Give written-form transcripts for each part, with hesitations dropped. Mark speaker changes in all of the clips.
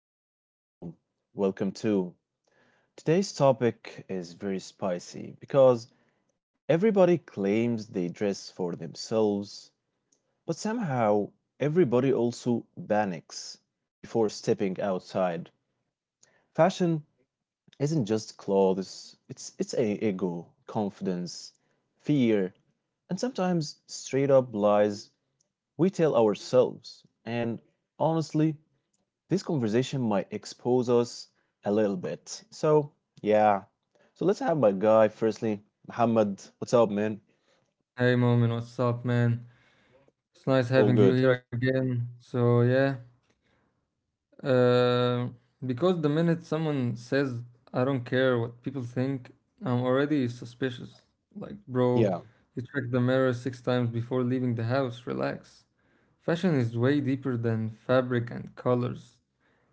Speaker 1: here, welcome too. Today's topic is very spicy because everybody claims they dress for themselves, but somehow everybody also panics before stepping outside. Fashion isn't just clothes, it's a ego, confidence, fear, and sometimes straight up lies we tell ourselves. And honestly, this conversation might expose us a little bit. So, yeah. So let's have my guy firstly, Muhammad. What's up, man?
Speaker 2: Hey Momin, what's up, man? It's nice
Speaker 1: All
Speaker 2: having you
Speaker 1: good.
Speaker 2: here again. So yeah, uh, because the minute someone says I don't care what people think, I'm already suspicious. Like, bro,
Speaker 1: Yeah.
Speaker 2: you check the mirror six times before leaving the house. Relax. Fashion is way deeper than fabric and colors.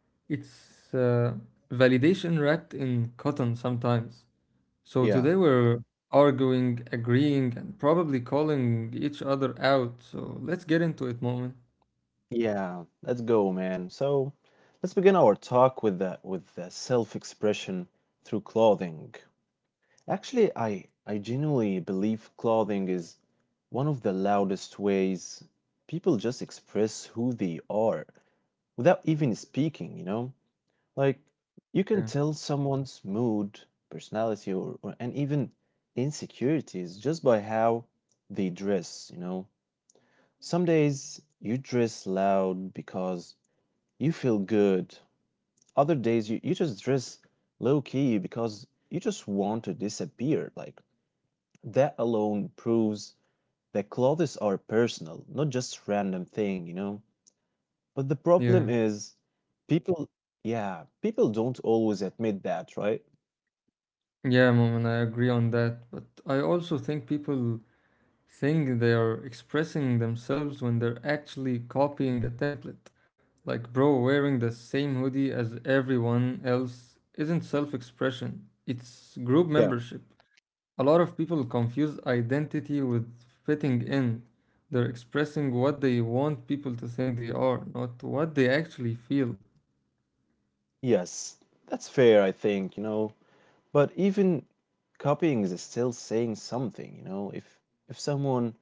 Speaker 2: It's validation wrapped in cotton sometimes. So today
Speaker 1: Yeah.
Speaker 2: we're arguing, agreeing, and probably calling each other out. So let's get into it, Moment.
Speaker 1: Yeah. Let's go, man. So, let's begin our talk with the self-expression through clothing. Actually, I genuinely believe clothing is one of the loudest ways people just express who they are without even speaking, you know? Like, you
Speaker 2: Yeah.
Speaker 1: can tell someone's mood, personality, or and even insecurities just by how they dress, you know? Some days you dress loud because you feel good. Other days you just dress low key because you just want to disappear. Like, that alone proves that clothes are personal, not just random thing, you know? But the
Speaker 2: Yeah.
Speaker 1: problem is people yeah, people don't always admit that, right?
Speaker 2: Yeah, Moment, I agree on that. But I also think people think they are expressing themselves when they're actually copying a template. Like, bro, wearing the same hoodie as everyone else isn't self expression, it's group
Speaker 1: Yeah.
Speaker 2: membership. A lot of people confuse identity with fitting in. They're expressing what they want people to think they are, not what they actually feel.
Speaker 1: Yes, that's fair, I think, you know. But even copying is still saying something, you know. If someone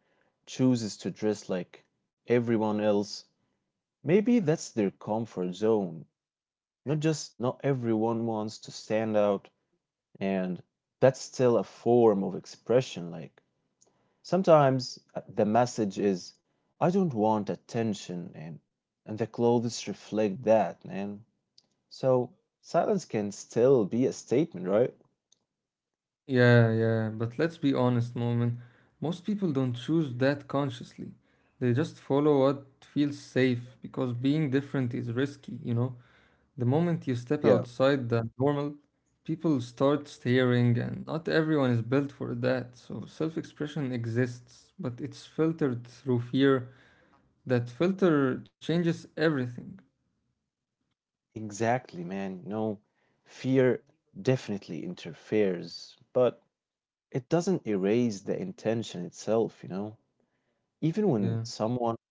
Speaker 1: chooses to dress like everyone else, maybe that's their comfort zone. Not just not everyone wants to stand out, and that's still a form of expression. Like, sometimes the message is, "I don't want attention, and the clothes reflect that, man." So silence can still be a statement, right?
Speaker 2: Yeah, but let's be honest, Moment. Most people don't choose that consciously. They just follow what feels safe because being different is risky, you know? The moment you step
Speaker 1: Yeah.
Speaker 2: outside the normal, people start staring, and not everyone is built for that. So self expression exists, but it's filtered through fear. That filter changes everything.
Speaker 1: Exactly, man. No, fear definitely interferes, but it doesn't erase the intention itself, you know? Even when
Speaker 2: Yeah.
Speaker 1: someone,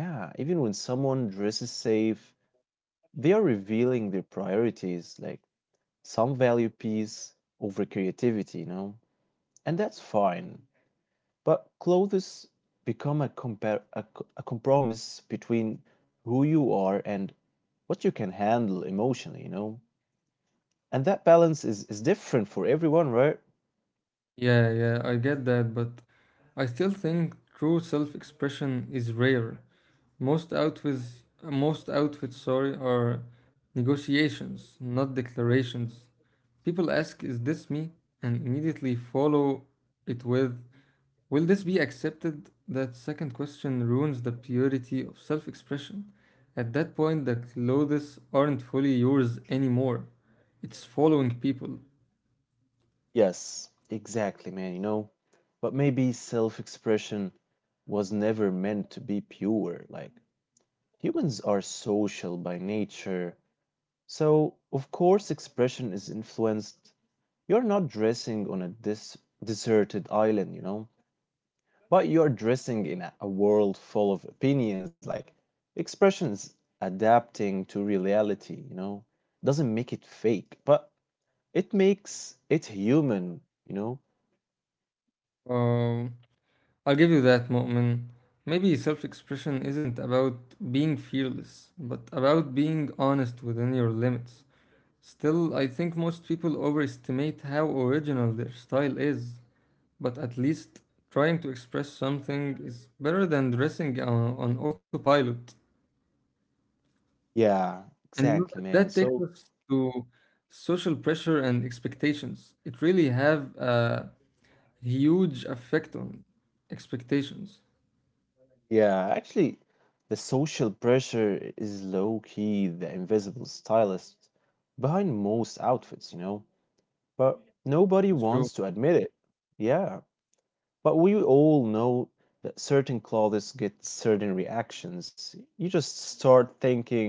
Speaker 1: yeah, even when someone dresses safe, they are revealing their priorities. Like, some value peace over creativity, you know? And that's fine. But clothes become a, compar- a, co- a compromise between who you are and what you can handle emotionally, you know? And that balance is different for everyone, right?
Speaker 2: Yeah, I get that, but I still think true self-expression is rare. Most outfits are negotiations, not declarations. People ask, "Is this me?" and immediately follow it with, "Will this be accepted?" That second question ruins the purity of self-expression. At that point, the clothes aren't fully yours anymore. It's following people.
Speaker 1: Yes, exactly, man, you know? But maybe self expression was never meant to be pure. Like, humans are social by nature. So, of course, expression is influenced. You're not dressing on a dis deserted island, you know, but you're dressing in a world full of opinions. Like, expressions adapting to reality, you know, doesn't make it fake, but it makes it human, you know?
Speaker 2: Um, I'll give you that, Mu'min. Maybe self-expression isn't about being fearless, but about being honest within your limits. Still, I think most people overestimate how original their style is, but at least trying to express something is better than dressing on autopilot.
Speaker 1: Yeah,
Speaker 2: And you know that
Speaker 1: exactly,
Speaker 2: that
Speaker 1: man.
Speaker 2: takes
Speaker 1: So,
Speaker 2: us to social pressure and expectations. It really have a huge effect on expectations.
Speaker 1: yeah, actually, the social pressure is low key, the invisible stylist behind most outfits, you know? But nobody
Speaker 2: True.
Speaker 1: wants to admit it. Yeah, but we all know that certain clothes get certain reactions. You just start thinking,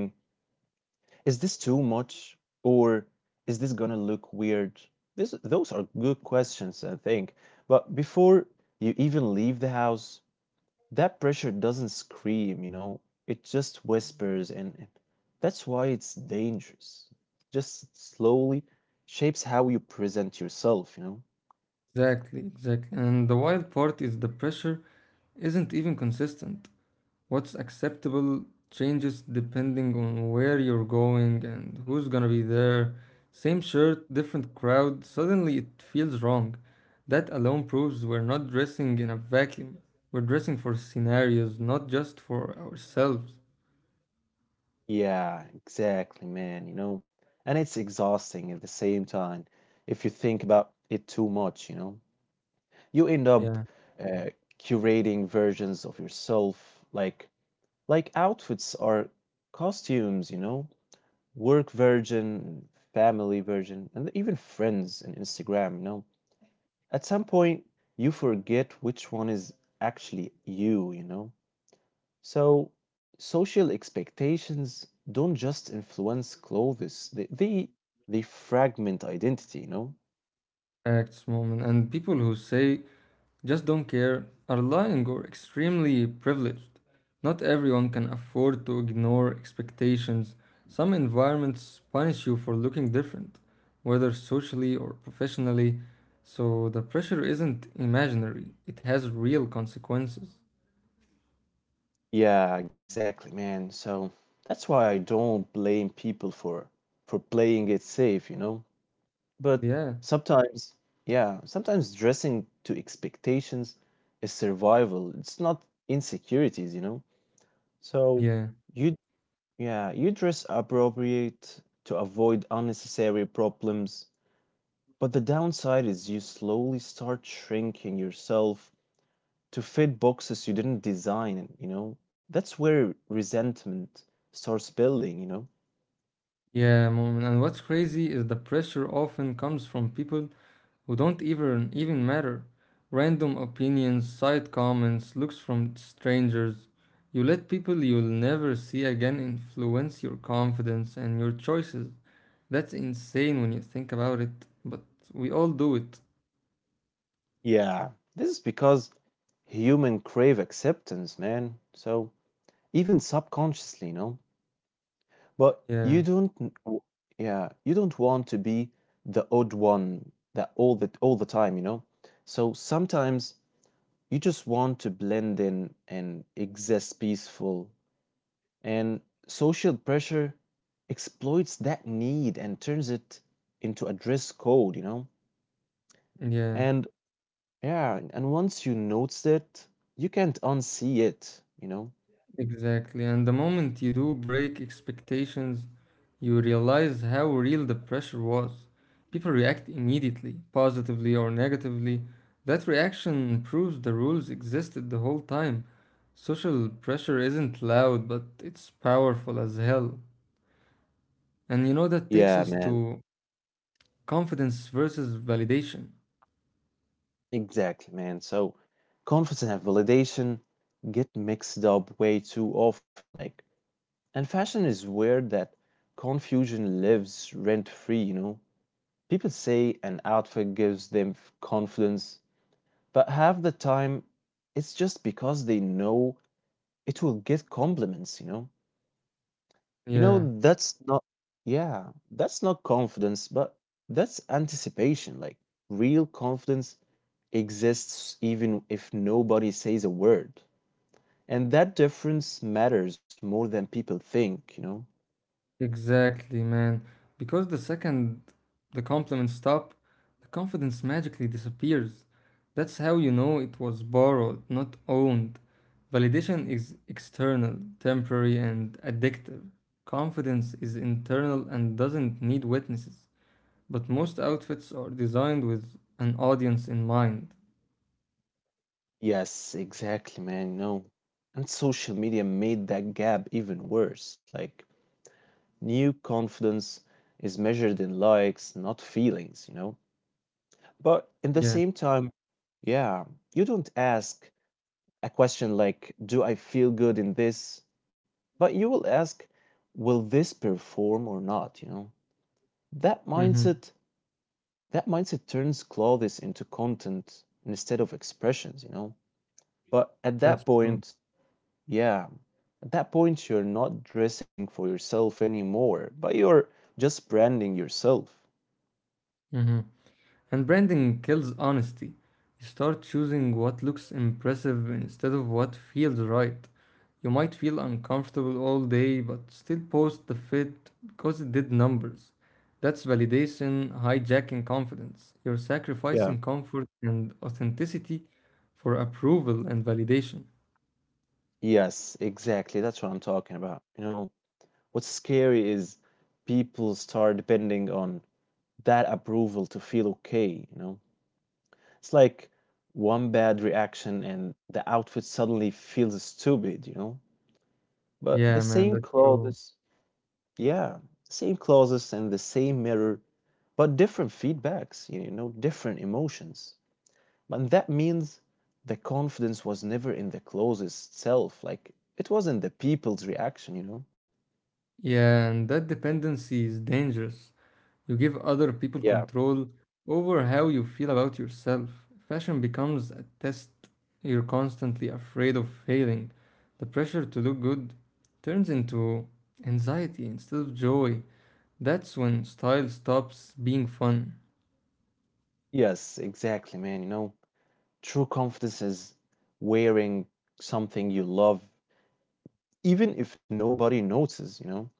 Speaker 1: is this too much? Or is this gonna look weird? This, those are good questions, I think. But before you even leave the house, that pressure doesn't scream, you know, it just whispers, and that's why it's dangerous. Just slowly shapes how you present yourself, you know.
Speaker 2: Exactly, exactly. And the wild part is the pressure isn't even consistent. What's acceptable changes depending on where you're going and who's gonna be there. Same shirt, different crowd, suddenly it feels wrong. That alone proves we're not dressing in a vacuum. We're dressing for scenarios, not just for ourselves.
Speaker 1: Yeah, exactly, man. You know, and it's exhausting at the same time if you think about it too much, you know. You end up
Speaker 2: Yeah,
Speaker 1: uh, curating versions of yourself, like outfits or costumes, you know, work version, family version, and even friends and Instagram, you know. At some point, you forget which one is actually you, you know. So, social expectations don't just influence clothes, they fragment identity, you know?
Speaker 2: acts, moment. And people who say, just don't care are lying or extremely privileged. Not everyone can afford to ignore expectations. Some environments punish you for looking different, whether socially or professionally, so the pressure isn't imaginary, it has real consequences.
Speaker 1: Yeah, exactly, man. So, that's why I don't blame people for playing it safe, you know? But
Speaker 2: Yeah,
Speaker 1: sometimes, yeah, sometimes dressing to expectations is survival. It's not insecurities, you know? So,
Speaker 2: yeah,
Speaker 1: you, yeah, you dress appropriate to avoid unnecessary problems, but the downside is you slowly start shrinking yourself to fit boxes you didn't design, you know. That's where resentment starts building, you know.
Speaker 2: yeah, Moment. And what's crazy is the pressure often comes from people who don't even matter. Random opinions, side comments, looks from strangers. You let people you'll never see again influence your confidence and your choices. That's insane when you think about it, but we all do it.
Speaker 1: Yeah, this is because human crave acceptance, man. So, even subconsciously, you know, but
Speaker 2: Yeah,
Speaker 1: you don't n- w- yeah you don't want to be the odd one that all the time, you know. So, sometimes you just want to blend in and exist peaceful. And social pressure exploits that need and turns it into a dress code, you know?
Speaker 2: yeah,
Speaker 1: And yeah, and once you notice it, you can't unsee it, you know?
Speaker 2: exactly. And the moment you do break expectations, you realize how real the pressure was. People react immediately, positively or negatively. That reaction proves the rules existed the whole time. Social pressure isn't loud, but it's powerful as hell. And you know, that takes us
Speaker 1: Yeah,
Speaker 2: to
Speaker 1: man.
Speaker 2: confidence versus validation.
Speaker 1: Exactly, man. So confidence and validation get mixed up way too often. Like, and fashion is where that confusion lives rent free, you know. People say an outfit gives them confidence, but half the time it's just because they know it will get compliments, you know. You
Speaker 2: Yeah,
Speaker 1: know, that's not, yeah, that's not confidence, but that's anticipation. Like, real confidence exists even if nobody says a word. And that difference matters more than people think, you know.
Speaker 2: exactly, man. Because the second the compliments stop, the confidence magically disappears. That's how you know it was borrowed, not owned. Validation is external, temporary, and addictive. Confidence is internal and doesn't need witnesses. But most outfits are designed with an audience in mind.
Speaker 1: Yes, exactly, man. No. And social media made that gap even worse. Like, new confidence is measured in likes, not feelings, you know? But in
Speaker 2: Yeah.
Speaker 1: the same time, yeah, you don't ask a question like, do I feel good in this? But you will ask, will this perform or not, you know? That
Speaker 2: Mm-hmm.
Speaker 1: mindset, that mindset turns clothes into content instead of expressions, you know? But at
Speaker 2: That's
Speaker 1: that
Speaker 2: true.
Speaker 1: point, yeah, at that point, you're not dressing for yourself anymore, but you're just branding yourself.
Speaker 2: Mm-hmm. And branding kills honesty. You start choosing what looks impressive instead of what feels right. You might feel uncomfortable all day but still post the fit because it did numbers. That's validation hijacking confidence. You're
Speaker 1: Yeah.
Speaker 2: sacrificing comfort and authenticity for approval and validation.
Speaker 1: Yes, exactly. That's what I'm talking about. You know, what's scary is people start depending on that approval to feel okay, you know. It's like one bad reaction and the outfit suddenly feels stupid, you know. But the
Speaker 2: Yeah, man,
Speaker 1: same
Speaker 2: that's true.
Speaker 1: clothes, yeah, same clothes and the same mirror, but different feedbacks, you know, different emotions. And that means the confidence was never in the clothes itself. Like, it was in the people's reaction, you know?
Speaker 2: Yeah, and that dependency is dangerous. You give other people
Speaker 1: Yeah.
Speaker 2: control over how you feel about yourself. Fashion becomes a test. You're constantly afraid of failing. The pressure to look good turns into anxiety instead of joy. That's when style stops being fun.
Speaker 1: Yes, exactly, man. You know, true confidence is wearing something you love, even if nobody notices, you know,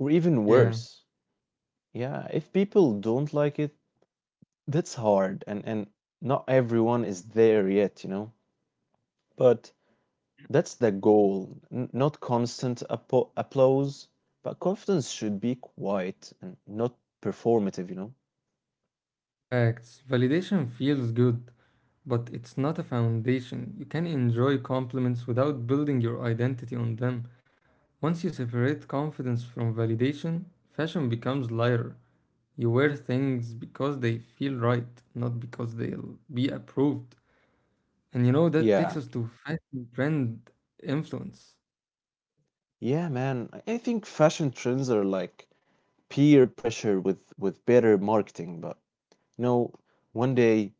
Speaker 1: or even
Speaker 2: Yeah,
Speaker 1: worse. Yeah, if people don't like it, that's hard, and not everyone is there yet, you know. But that's the goal. Not constant applause, but confidence should be quiet and not performative, you know?
Speaker 2: facts. Validation feels good, but it's not a foundation. You can enjoy compliments without building your identity on them. Once you separate confidence from validation, fashion becomes lighter. You wear things because they feel right, not because they'll be approved. And you know, that
Speaker 1: Yeah.
Speaker 2: takes us to fashion trend influence.
Speaker 1: Yeah, man. I think fashion trends are like peer pressure with better marketing, but you know, one day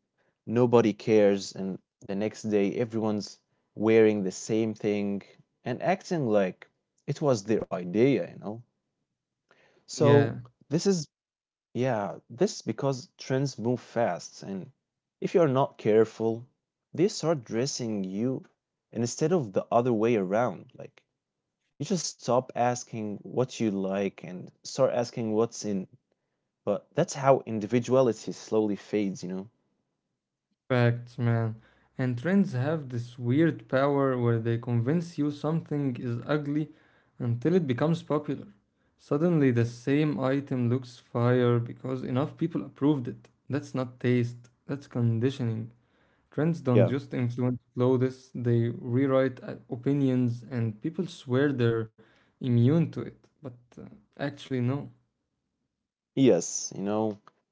Speaker 1: nobody cares and the next day everyone's wearing the same thing and acting like it was their idea, you know? So,
Speaker 2: Yeah,
Speaker 1: this is Yeah, this is because trends move fast, and if you are not careful, they start dressing you instead of the other way around. Like, you just stop asking what you like and start asking what's in. But that's how individuality slowly fades, you know?
Speaker 2: facts, man. And trends have this weird power where they convince you something is ugly until it becomes popular. Suddenly, the same item looks fire because enough people approved it. That's not taste, that's conditioning. Trends don't
Speaker 1: Yeah.
Speaker 2: just influence clothes, they rewrite opinions, and people swear they're immune to it. But actually, no.
Speaker 1: Yes, you know,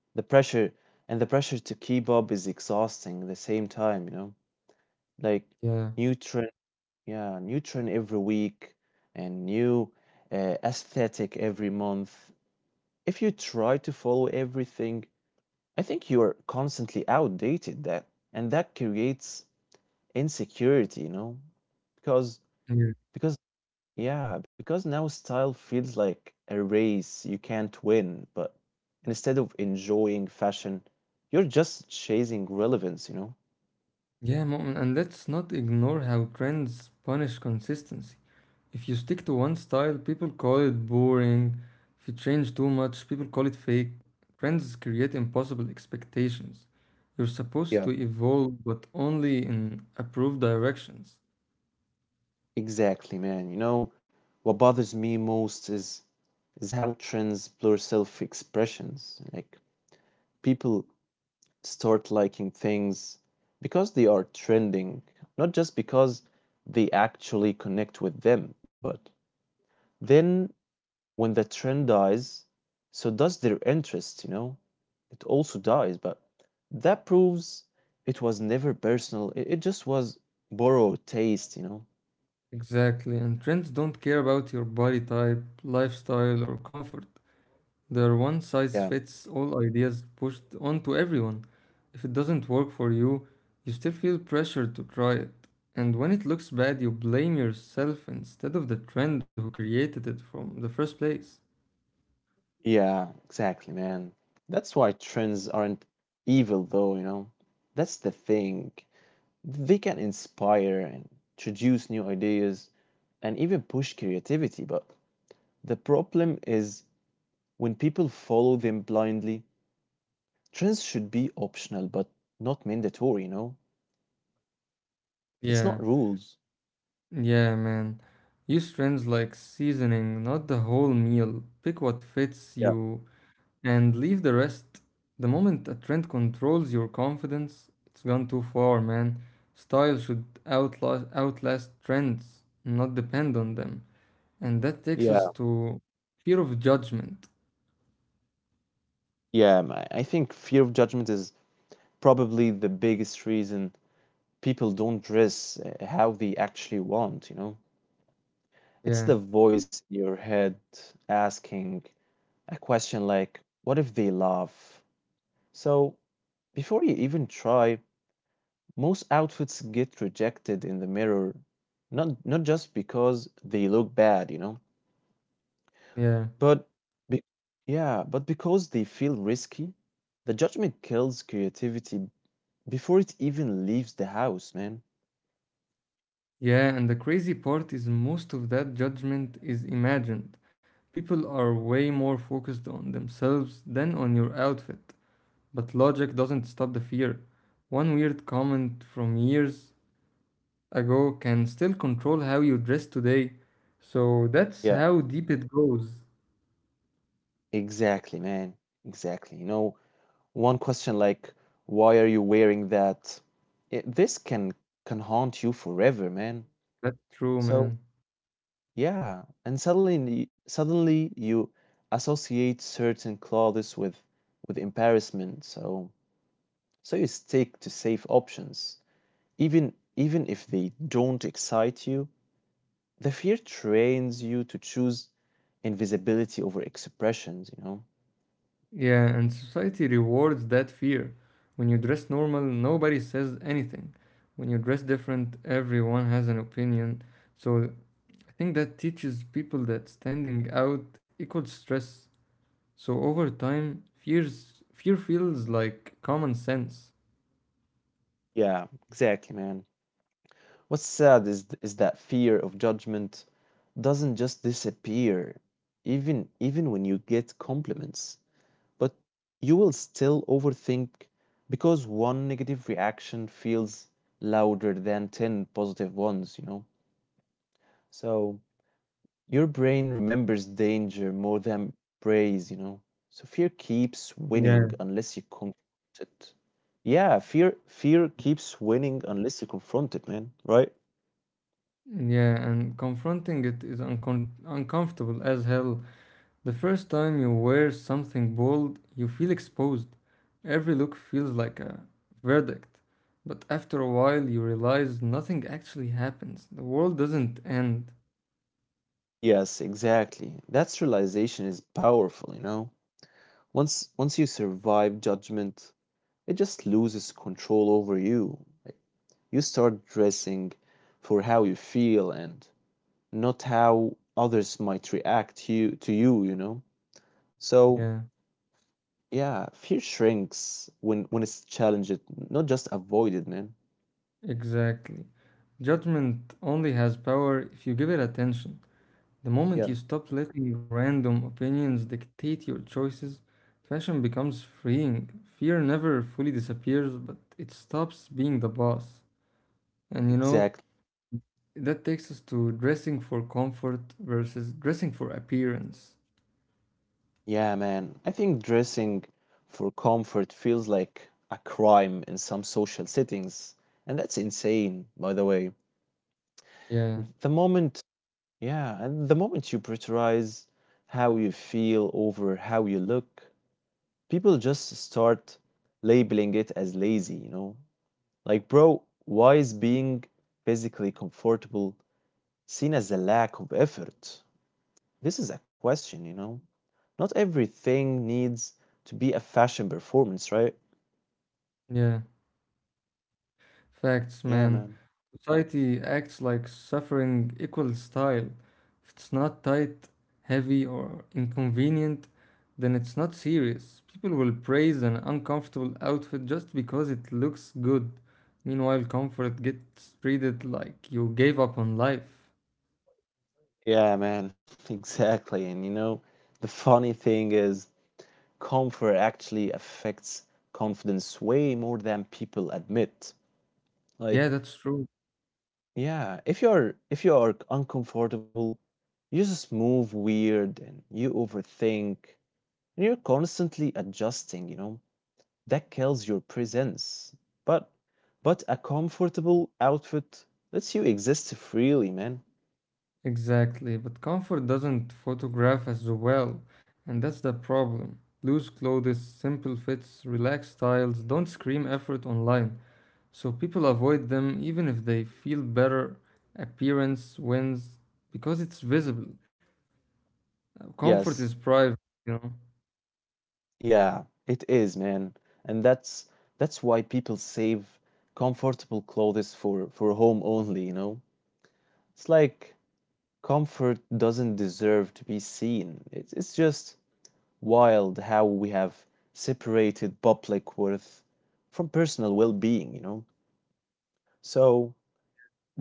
Speaker 1: the pressure the pressure to keep up is exhausting at the same time, you know? Like,
Speaker 2: Yeah.
Speaker 1: new trends Yeah, new trend every week and new aesthetic every month. If you try to follow everything, I think you are constantly outdated, that and that creates insecurity, you know? Because
Speaker 2: Yeah,
Speaker 1: because yeah, because now style feels like a race you can't win, but instead of enjoying fashion, you're just chasing relevance, you know?
Speaker 2: Yeah, Mu'min, and let's not ignore how trends punish consistency. If you stick to one style, people call it boring. If you change too much, people call it fake. Trends create impossible expectations. You're supposed to
Speaker 1: Yeah.
Speaker 2: evolve, but only in approved directions.
Speaker 1: Exactly, man. You know, what bothers me most is how trends blur self-expressions. Like, people start liking things because they are trending, not just because they actually connect with them, but then when the trend dies, so does their interest, you know? It also dies, but that proves it was never personal. It just was borrowed taste, you know?
Speaker 2: Exactly, and trends don't care about your body type, lifestyle, or comfort. They're one size
Speaker 1: Yeah.
Speaker 2: fits all ideas pushed onto everyone. If it doesn't work for you, you still feel pressured to try it. And when it looks bad, you blame yourself instead of the trend who created it from the first place.
Speaker 1: Yeah, exactly, man. That's why trends aren't evil, though, you know? That's the thing. They can inspire and introduce new ideas and even push creativity, but the problem is when people follow them blindly. Trends should be optional but not mandatory, you know? It's
Speaker 2: Yeah,
Speaker 1: not rules.
Speaker 2: yeah, man. Use trends like seasoning, not the whole meal. Pick what fits
Speaker 1: Yeah.
Speaker 2: you and leave the rest. The moment a trend controls your confidence, it's gone too far, man. Style should outlast trends, not depend on them. And that takes
Speaker 1: Yeah.
Speaker 2: us to fear of judgment.
Speaker 1: Yeah, I think fear of judgment is probably the biggest reason people don't dress how they actually want, you know? It's the
Speaker 2: Yeah,
Speaker 1: voice in your head asking a question like, what if they laugh? So before you even try, most outfits get rejected in the mirror, not just because they look bad, you know,
Speaker 2: yeah,
Speaker 1: but be, yeah, but because they feel risky. The judgment kills creativity before it even leaves the house, man.
Speaker 2: yeah. And the crazy part is most of that judgment is imagined. People are way more focused on themselves than on your outfit. But logic doesn't stop the fear. One weird comment from years ago can still control how you dress today. So that's
Speaker 1: Yeah,
Speaker 2: how deep it goes.
Speaker 1: exactly, man. Exactly. You know, one question like why are you wearing that, this can haunt you forever, man.
Speaker 2: That's true,
Speaker 1: So
Speaker 2: man.
Speaker 1: yeah, and suddenly you associate certain clothes with embarrassment. So you stick to safe options, even if they don't excite you. The fear trains you to choose invisibility over expressions, you know.
Speaker 2: Yeah, and society rewards that fear. When you dress normal, nobody says anything. When you dress different, everyone has an opinion. So I think that teaches people that standing out equals stress. So over time, fear feels like common sense.
Speaker 1: Yeah, exactly, man. What's sad is is that fear of judgment doesn't just disappear even when you get compliments, but you will still overthink because one negative reaction feels louder than 10 positive ones, you know. So your brain remembers danger more than praise, you know. So fear keeps winning
Speaker 2: Yeah.
Speaker 1: unless you confront it. Yeah, fear keeps winning unless you confront it, man, right?
Speaker 2: Yeah, and confronting it is uncomfortable as hell. The first time you wear something bold, you feel exposed. Every look feels like a verdict. But after a while, you realize nothing actually happens. The world doesn't end.
Speaker 1: Yes, exactly. That realization is powerful, you know. Once you survive judgment, it just loses control over you. Like, you start dressing for how you feel and not how others might react to you, you know. So,
Speaker 2: Yeah,
Speaker 1: yeah, fear shrinks when it's challenged, not just avoided, man.
Speaker 2: exactly. Judgment only has power if you give it attention. The
Speaker 1: Yeah,
Speaker 2: moment you stop letting random opinions dictate your choices, fashion becomes freeing. Fear never fully disappears, but it stops being the boss. And you know,
Speaker 1: exactly.
Speaker 2: that takes us to dressing for comfort versus dressing for appearance.
Speaker 1: Yeah, man. I think dressing for comfort feels like a crime in some social settings, and that's insane, by the way.
Speaker 2: Yeah,
Speaker 1: The moment, yeah, and the moment you prioritize how you feel over how you look, people just start labeling it as lazy. Like, bro, why is being physically comfortable seen as a lack of effort? This is a question. Not everything needs to be a fashion performance, right?
Speaker 2: yeah. Facts,
Speaker 1: Yeah,
Speaker 2: man.
Speaker 1: man.
Speaker 2: Society acts like suffering equals style. If it's not tight, heavy, or inconvenient, then it's not serious. People will praise an uncomfortable outfit just because it looks good. Meanwhile, comfort gets treated like you gave up on life.
Speaker 1: Yeah, man, exactly. And the funny thing is, comfort actually affects confidence way more than people admit. Like,
Speaker 2: Yeah, that's true.
Speaker 1: yeah, if you're if you are uncomfortable, you just move weird and you overthink and you're constantly adjusting. That kills your presence. But but a comfortable outfit lets you exist freely, man.
Speaker 2: Exactly, but comfort doesn't photograph as well, and that's the problem. Loose clothes, simple fits, relaxed styles don't scream effort online, so people avoid them even if they feel better. Appearance wins because it's visible.
Speaker 1: Yes.
Speaker 2: Comfort is private, you know?
Speaker 1: Yeah, it is, man. And that's why people save comfortable clothes for home only. It's like comfort doesn't deserve to be seen. It's just wild how we have separated public worth from personal well-being. So,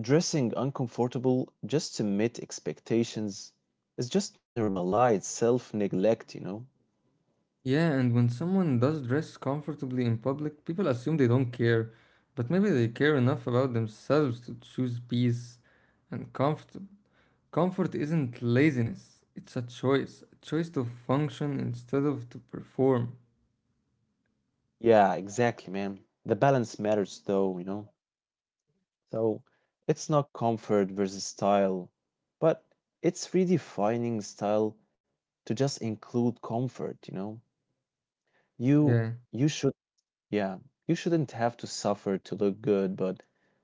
Speaker 1: dressing uncomfortable just to meet expectations is just normalized self neglect.
Speaker 2: Yeah, and when someone does dress comfortably in public, people assume they don't care, but maybe they care enough about themselves to choose peace and comfort. Comfort isn't laziness, it's a choice to function instead of to perform.
Speaker 1: Yeah, exactly, man. The balance matters though. So it's not comfort versus style, but it's redefining style to just include comfort, you know? You
Speaker 2: Yeah,
Speaker 1: you should yeah, you shouldn't have to suffer to look good, but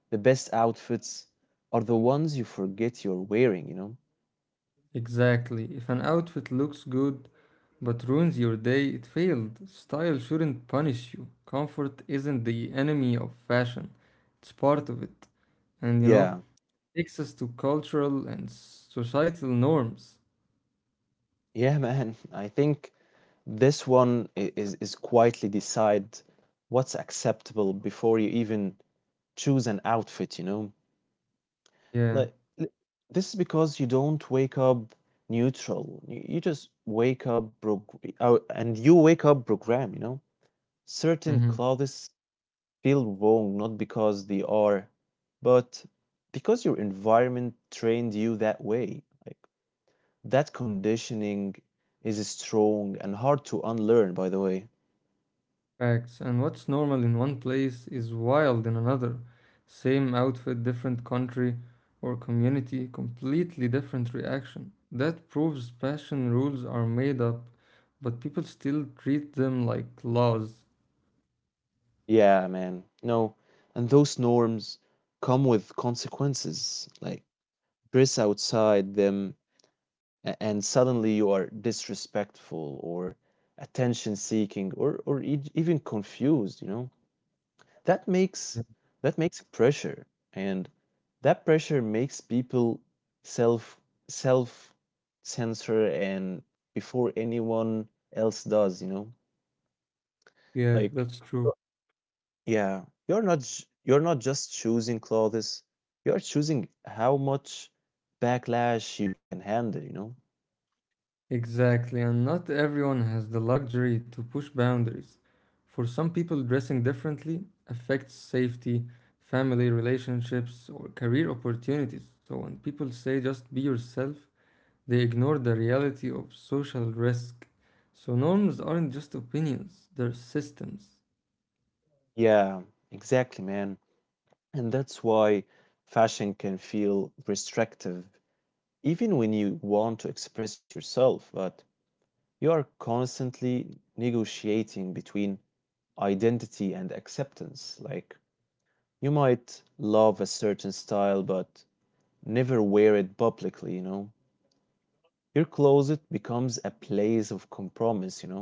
Speaker 1: the best outfits are the ones you forget you're wearing.
Speaker 2: exactly. If an outfit looks good but ruins your day, it failed. Style shouldn't punish you. Comfort isn't the enemy of fashion, it's part of it. And you know,
Speaker 1: Yeah.
Speaker 2: takes us to cultural and societal norms.
Speaker 1: Yeah, man. I think this one is quietly decide what's acceptable before you even choose an outfit.
Speaker 2: Yeah.
Speaker 1: Like l- this is because you don't wake up neutral. You just wake up prog oh, and you wake up program. Certain
Speaker 2: Hmm.
Speaker 1: clothes feel wrong not because they are, but because your environment trained you that way. Like, that conditioning is strong and hard to unlearn, by the way.
Speaker 2: Facts, and what's normal in one place is wild in another. Same outfit, different country or community, completely different reaction. That proves fashion rules are made up, but people still treat them like laws.
Speaker 1: Yeah, man. No, and those norms come with consequences. Like, dress outside them, and suddenly you are disrespectful or attention seeking or even confused. That makes
Speaker 2: Yeah,
Speaker 1: that makes pressure, and that pressure makes people self self censor and before anyone else does. Like,
Speaker 2: Yeah, that's
Speaker 1: yo
Speaker 2: true.
Speaker 1: yeah, you're not just choosing clothes, you're choosing how much backlash you can handle.
Speaker 2: Exactly, and not everyone has the luxury to push boundaries. For some people, dressing differently affects safety, family relationships, or career opportunities. So when people say just be yourself, they ignore the reality of social risk. So norms aren't just opinions, they're systems.
Speaker 1: Yeah, exactly, man. And that's why fashion can feel restrictive, even when you want to express yourself, but you are constantly negotiating between identity and acceptance. Like, you might love a certain style, but never wear it publicly, you know? Your closet becomes a place of compromise.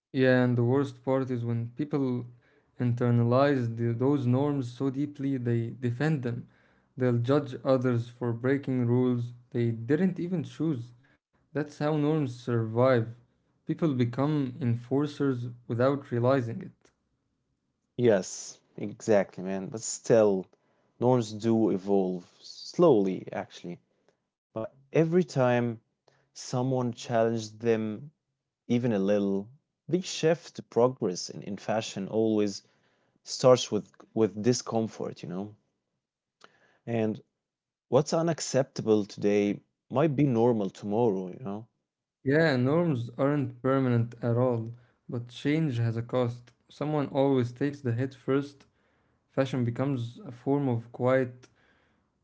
Speaker 2: Yeah, and the worst part is when people internalize those norms so deeply they defend them. They'll judge others for breaking rules they didn't even choose. That's how norms survive. People become enforcers without realizing it.
Speaker 1: Yes, exactly, man. But still, norms do evolve slowly, actually. But every time someone challenges them, even a little, they shift to progress in fashion always starts with discomfort. And what's unacceptable today might be normal tomorrow.
Speaker 2: Yeah, norms aren't permanent at all, but change has a cost. Someone always takes the hit first. Fashion becomes a form of quiet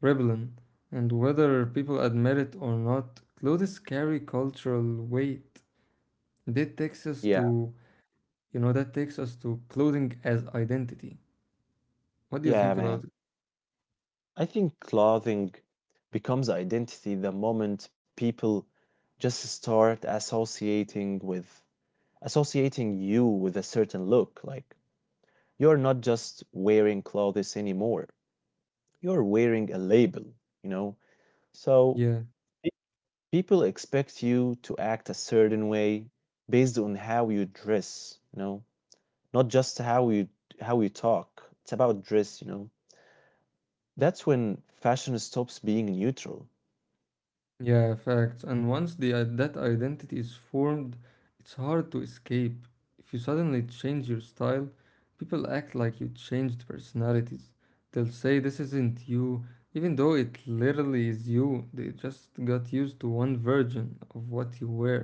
Speaker 2: rebellion, and whether people admit it or not, clothes carry cultural weight. That takes us
Speaker 1: Yeah.
Speaker 2: to, you know, that takes us to clothing as identity. What do you
Speaker 1: Yeah,
Speaker 2: think
Speaker 1: man.
Speaker 2: about it?
Speaker 1: I think clothing becomes identity the moment people just start associating you with a certain look. Like you're not just wearing clothes anymore. You're wearing a label, you know? So
Speaker 2: Yeah.
Speaker 1: pe- people expect you to act a certain way based on how you dress, not just how you talk. It's about dress. That's when fashion stops being neutral.
Speaker 2: Yeah, facts. And once the that identity is formed, it's hard to escape. If you suddenly change your style, people act like you changed personalities. They'll say this isn't you, even though it literally is you. They just got used to one version of what you wear.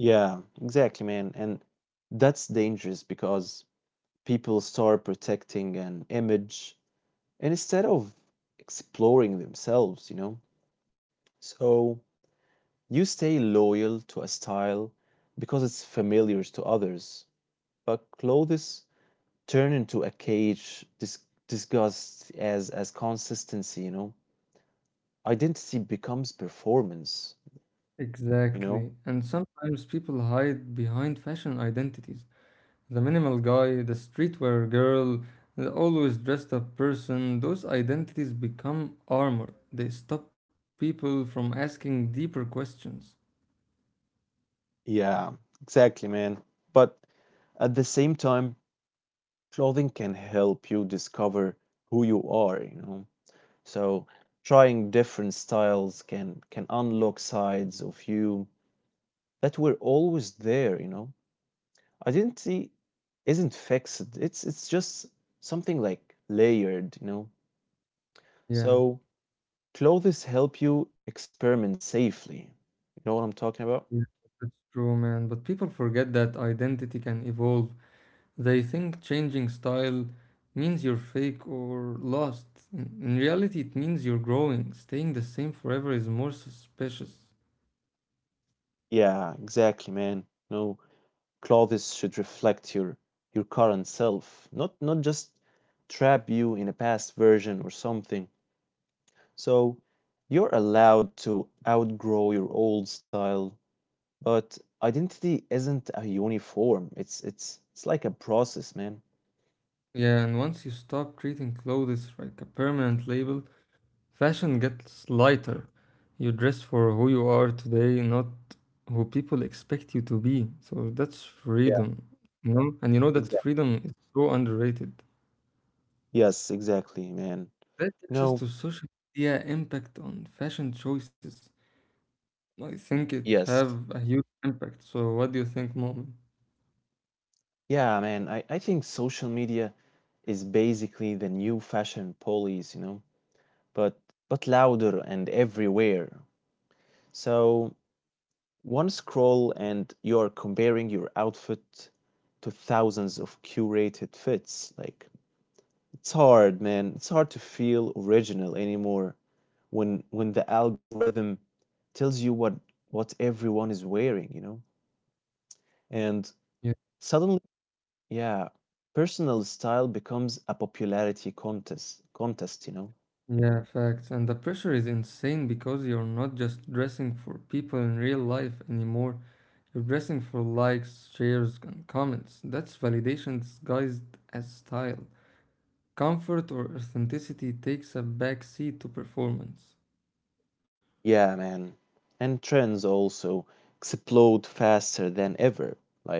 Speaker 1: Yeah, exactly, man. And that's dangerous because people start protecting an image and instead of exploring themselves. So you stay loyal to a style because it's familiar to others, but clothes turn into a cage discussed as consistency. Identity becomes performance, you know?
Speaker 2: Exactly. And sometimes people hide behind fashion identities. The minimal guy, the streetwear girl, the always dressed up person, those identities become armor. They stop people from asking deeper questions.
Speaker 1: Yeah, exactly, man. But at the same time, clothing can help you discover who you are. So trying different styles can unlock sides of you that were always there. Identity isn't fixed. It's just something like layered.
Speaker 2: Yeah,
Speaker 1: So clothes help you experiment safely. You know what I'm talking about?
Speaker 2: yeah, that's true, man. But people forget that identity can evolve. They think changing style means you're fake or lost. In reality, it means you're growing. Staying the same forever is more suspicious.
Speaker 1: Yeah, exactly, man. No, clothes should reflect your current self, not just trap you in a past version or something. So you're allowed to outgrow your old style, but identity isn't a uniform. It's like a process, man.
Speaker 2: Yeah, and once you stop treating clothes like a permanent label, fashion gets lighter. You dress for who you are today, not who people expect you to be. So that's
Speaker 1: Yeah,
Speaker 2: freedom. You know? And you know that
Speaker 1: exactly.
Speaker 2: freedom is so underrated.
Speaker 1: Yes, exactly, man.
Speaker 2: That takes us
Speaker 1: No,
Speaker 2: to social media impact on fashion choices. I think it
Speaker 1: yes.
Speaker 2: have a huge impact. So what do you think, Mom?
Speaker 1: Yeah, man. I think social media is basically the new fashion police, but but louder and everywhere. So one scroll, and you're comparing your outfit to thousands of curated fits. Like, it's hard, man. It's hard to feel original anymore when the algorithm tells you what everyone is wearing. And
Speaker 2: Yeah,
Speaker 1: suddenly, yeah, personal style becomes a popularity contest.
Speaker 2: yeah, facts. And the pressure is insane because you're not just dressing for people in real life anymore. Racing for likes, shares, and comments. That's validation disguised as style. Comfort or authenticity takes a back seat to performance.
Speaker 1: Yeah, man. And trends also explode faster than ever. Like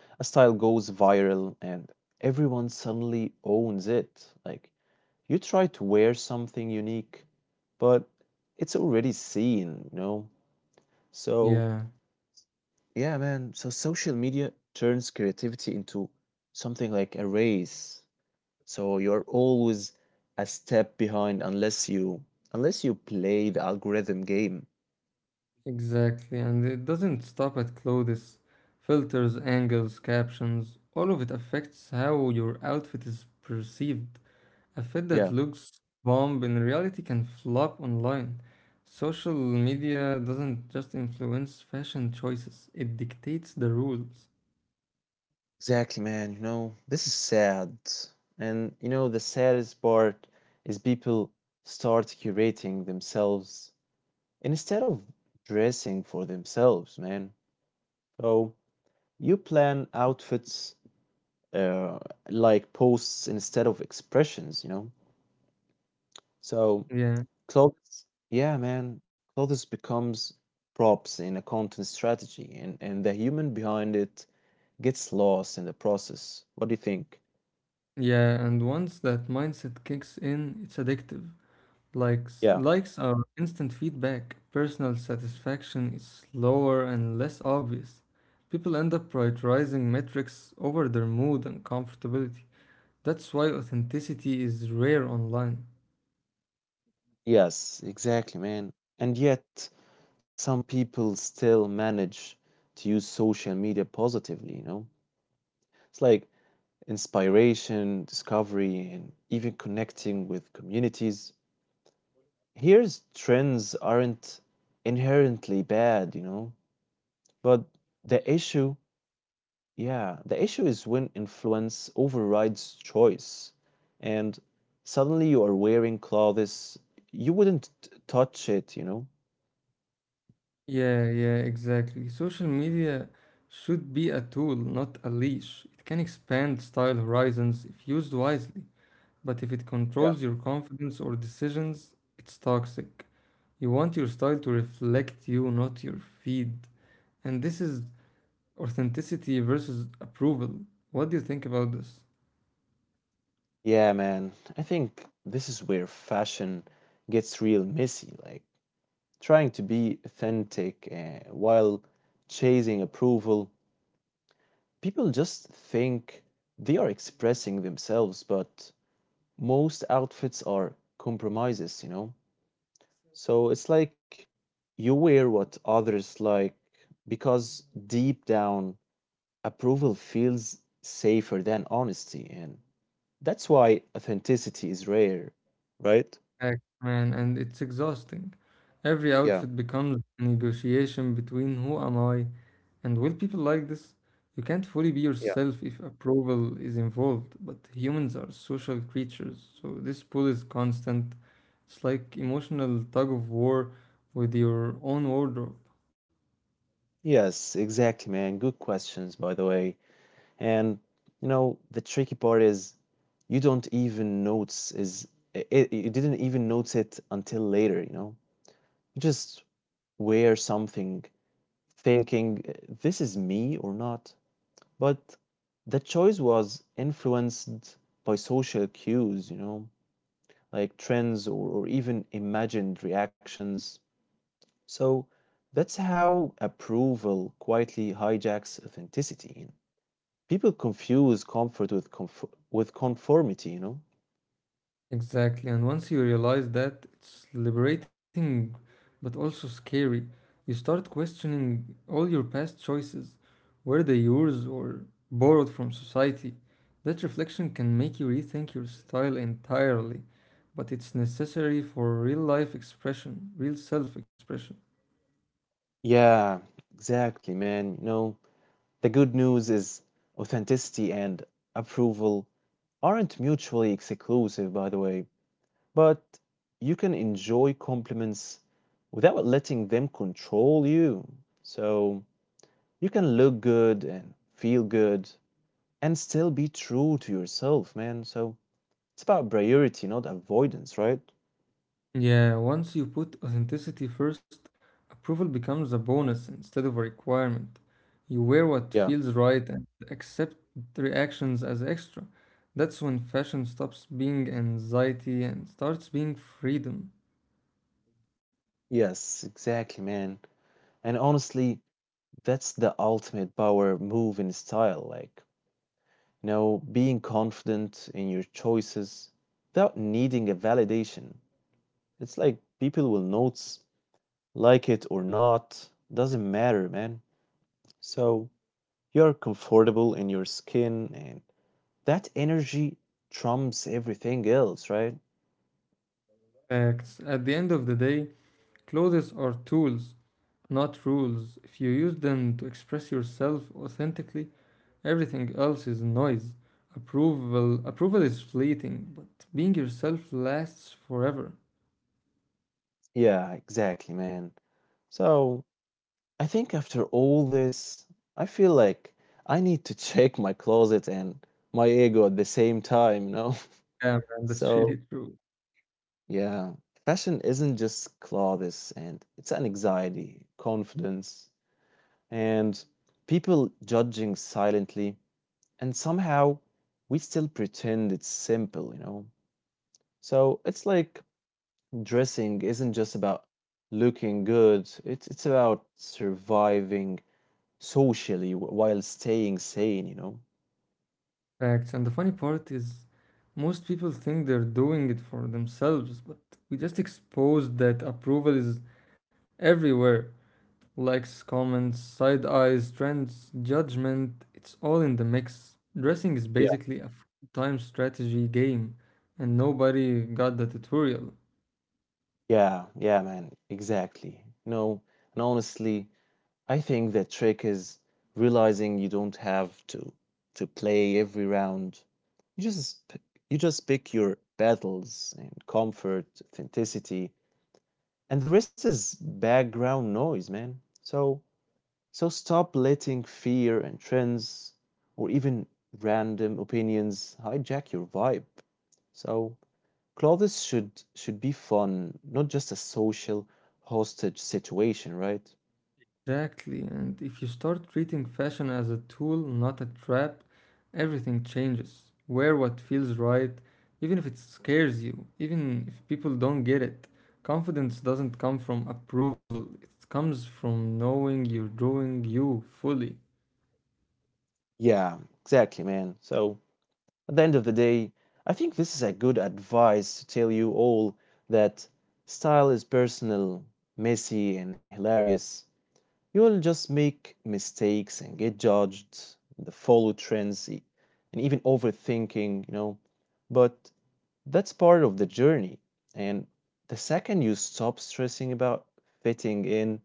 Speaker 1: a style goes viral and everyone suddenly owns it. Like you try to wear something unique, but it's already seen. So,
Speaker 2: Yeah,
Speaker 1: yeah, man. So social media turns creativity into something like a race. So you're always a step behind unless you play the algorithm game.
Speaker 2: exactly. And it doesn't stop at clothes, filters, angles, captions. All of it affects how your outfit is perceived. A fit that
Speaker 1: Yeah.
Speaker 2: looks bomb in reality can flop online. Social media doesn't just influence fashion choices, it dictates the rules.
Speaker 1: Exactly, man. This is sad. And the saddest part is people start curating themselves instead of dressing for themselves, man. So you plan outfits uh, like posts instead of expressions. So
Speaker 2: Yeah.
Speaker 1: yeah, man, clothes becomes props in a content strategy, and the human behind it gets lost in the process. What do you think?
Speaker 2: Yeah, and once that mindset kicks in, it's addictive. Likes
Speaker 1: Yeah.
Speaker 2: likes are instant feedback. Personal satisfaction is slower and less obvious. People end up prioritizing metrics over their mood and comfortability. That's why authenticity is rare online.
Speaker 1: Yes, exactly, man. And yet, some people still manage to use social media positively. It's like inspiration, discovery, and even connecting with communities. Here's trends aren't inherently bad. But the issue, yeah, the issue is when influence overrides choice, and suddenly you are wearing clothes you wouldn't touch it.
Speaker 2: Yeah, exactly. Social media should be a tool, not a leash. It can expand style horizons if used wisely, but if it controls your confidence or decisions, it's toxic. You want your style to reflect you, not your feed. And this is authenticity versus approval. What do you think about this?
Speaker 1: Yeah, man. I think this is where fashion gets real messy. Like trying to be authentic while chasing approval, people just think they are expressing themselves, but most outfits are compromises. So it's like you wear what others like because deep down, approval feels safer than honesty. And that's why authenticity is rare, right?
Speaker 2: Heck, man, and it's exhausting. Every
Speaker 1: Yeah.
Speaker 2: outfit becomes a negotiation between who am I and will people like this? You can't fully be
Speaker 1: Yeah.
Speaker 2: yourself if approval is involved, but humans are social creatures, so this pull is constant. It's like emotional tug of war with your own wardrobe.
Speaker 1: Yes, exactly, man. Good questions, by the way. And the tricky part is you don't even notice you didn't even notice it until later, you know. You just wear something thinking, "This is me or not. But the choice was influenced by social cues, like trends or even imagined reactions. So that's how approval quietly hijacks authenticity. People confuse comfort with conformity.
Speaker 2: Exactly, and once you realize that, it's liberating but also scary. You start questioning all your past choices. Were they yours or borrowed from society? That reflection can make you rethink your style entirely, but it's necessary for real life expression, real self expression.
Speaker 1: Yeah, exactly, man. The good news is authenticity and approval aren't mutually exclusive, by the way, but you can enjoy compliments without letting them control you. So you can look good and feel good and still be true to yourself, man. So it's about priority, not avoidance, right?
Speaker 2: Yeah, once you put authenticity first, approval becomes a bonus instead of a requirement. You wear what
Speaker 1: Yeah.
Speaker 2: feels right and accept reactions as extra. That's when fashion stops being anxiety and starts being freedom.
Speaker 1: Yes, exactly, man. And honestly, that's the ultimate power move in style, like, being confident in your choices without needing a validation. It's like people will notice, like it or not, doesn't matter, man. So you're comfortable in your skin, and that energy trumps everything else, right?
Speaker 2: Facts. At the end of the day, clothes are tools, not rules. If you use them to express yourself authentically, everything else is noise. Approval is fleeting, but being yourself lasts forever.
Speaker 1: Yeah, exactly, man. So I think after all this, I feel like I need to check my closet and my ego at the same time.
Speaker 2: Yeah, man, that's really
Speaker 1: So,
Speaker 2: true.
Speaker 1: yeah, fashion isn't just clothes and it's an anxiety, confidence, and people judging silently. And somehow we still pretend it's simple. So it's like dressing isn't just about looking good, it's about surviving socially while staying sane.
Speaker 2: Facts. And the funny part is, most people think they're doing it for themselves, but we just exposed that approval is everywhere. Likes, comments, side eyes, trends, judgment, it's all in the mix. Dressing is
Speaker 1: Yeah.
Speaker 2: basically a time strategy game, and nobody got the tutorial.
Speaker 1: Yeah, yeah, man, exactly. No, and honestly, I think the trick is realizing you don't have to play every round. You just p- you just pick your battles and comfort, authenticity, and the rest is background noise, man. So stop letting fear and trends or even random opinions hijack your vibe. So clothes should be fun, not just a social hostage situation, right?
Speaker 2: Exactly. And if you start treating fashion as a tool, not a trap, everything changes. Wear what feels right, even if it scares you, even if people don't get it. Confidence doesn't come from approval, it comes from knowing you're doing you fully.
Speaker 1: Yeah, exactly, man. So at the end of the day, I think this is a good advice to tell you all that style is personal, messy, and hilarious. You'll just make mistakes and get judged and follow trends and even overthinking. But that's part of the journey. And the second you stop stressing about fitting in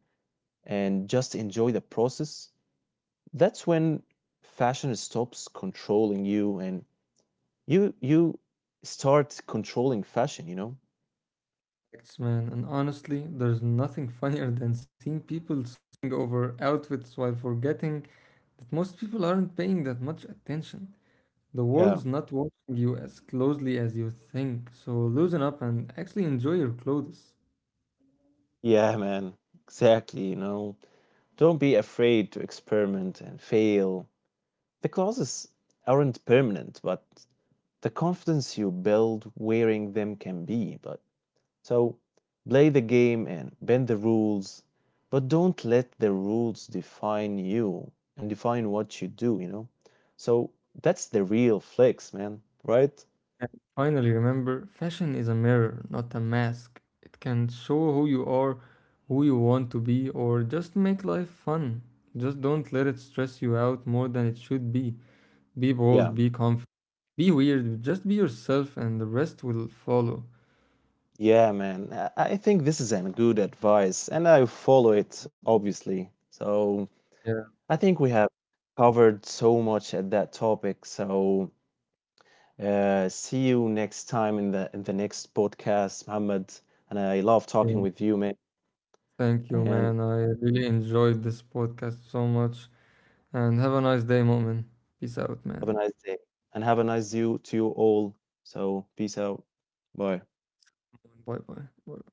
Speaker 1: and just enjoy the process, that's when fashion stops controlling you and you start controlling fashion.
Speaker 2: Facts, man. And honestly, there's nothing funnier than seeing people stressing over outfits while forgetting that most people aren't paying that much attention. The
Speaker 1: Yeah.
Speaker 2: world's not watching you as closely as you think, so loosen up and actually enjoy your clothes.
Speaker 1: Yeah, man. Exactly. Don't be afraid to experiment and fail. The clauses aren't permanent, but the confidence you build wearing them can be. But so play the game and bend the rules, but don't let the rules define you and define what you do. So that's the real flex, man, right?
Speaker 2: And finally, remember fashion is a mirror, not a mask. It can show who you are, who you want to be, or just make life fun. Just don't let it stress you out more than it should be. Be bold,
Speaker 1: Yeah.
Speaker 2: be confident, be weird, just be yourself, and the rest will follow.
Speaker 1: Yeah, man. I think this is an good advice, and I follow it, obviously. So
Speaker 2: Yeah.
Speaker 1: I think we have covered so much at that topic. So see you next time in the next podcast, Muhammad. And I love
Speaker 2: Yeah.
Speaker 1: talking with you, man.
Speaker 2: Thank you,
Speaker 1: And
Speaker 2: man. I really enjoyed this podcast so much. And have a nice day, Moment. Peace out,
Speaker 1: have
Speaker 2: man.
Speaker 1: a nice day. And have a nice you to you all. So peace out. Bye.
Speaker 2: Bye bye. Bye.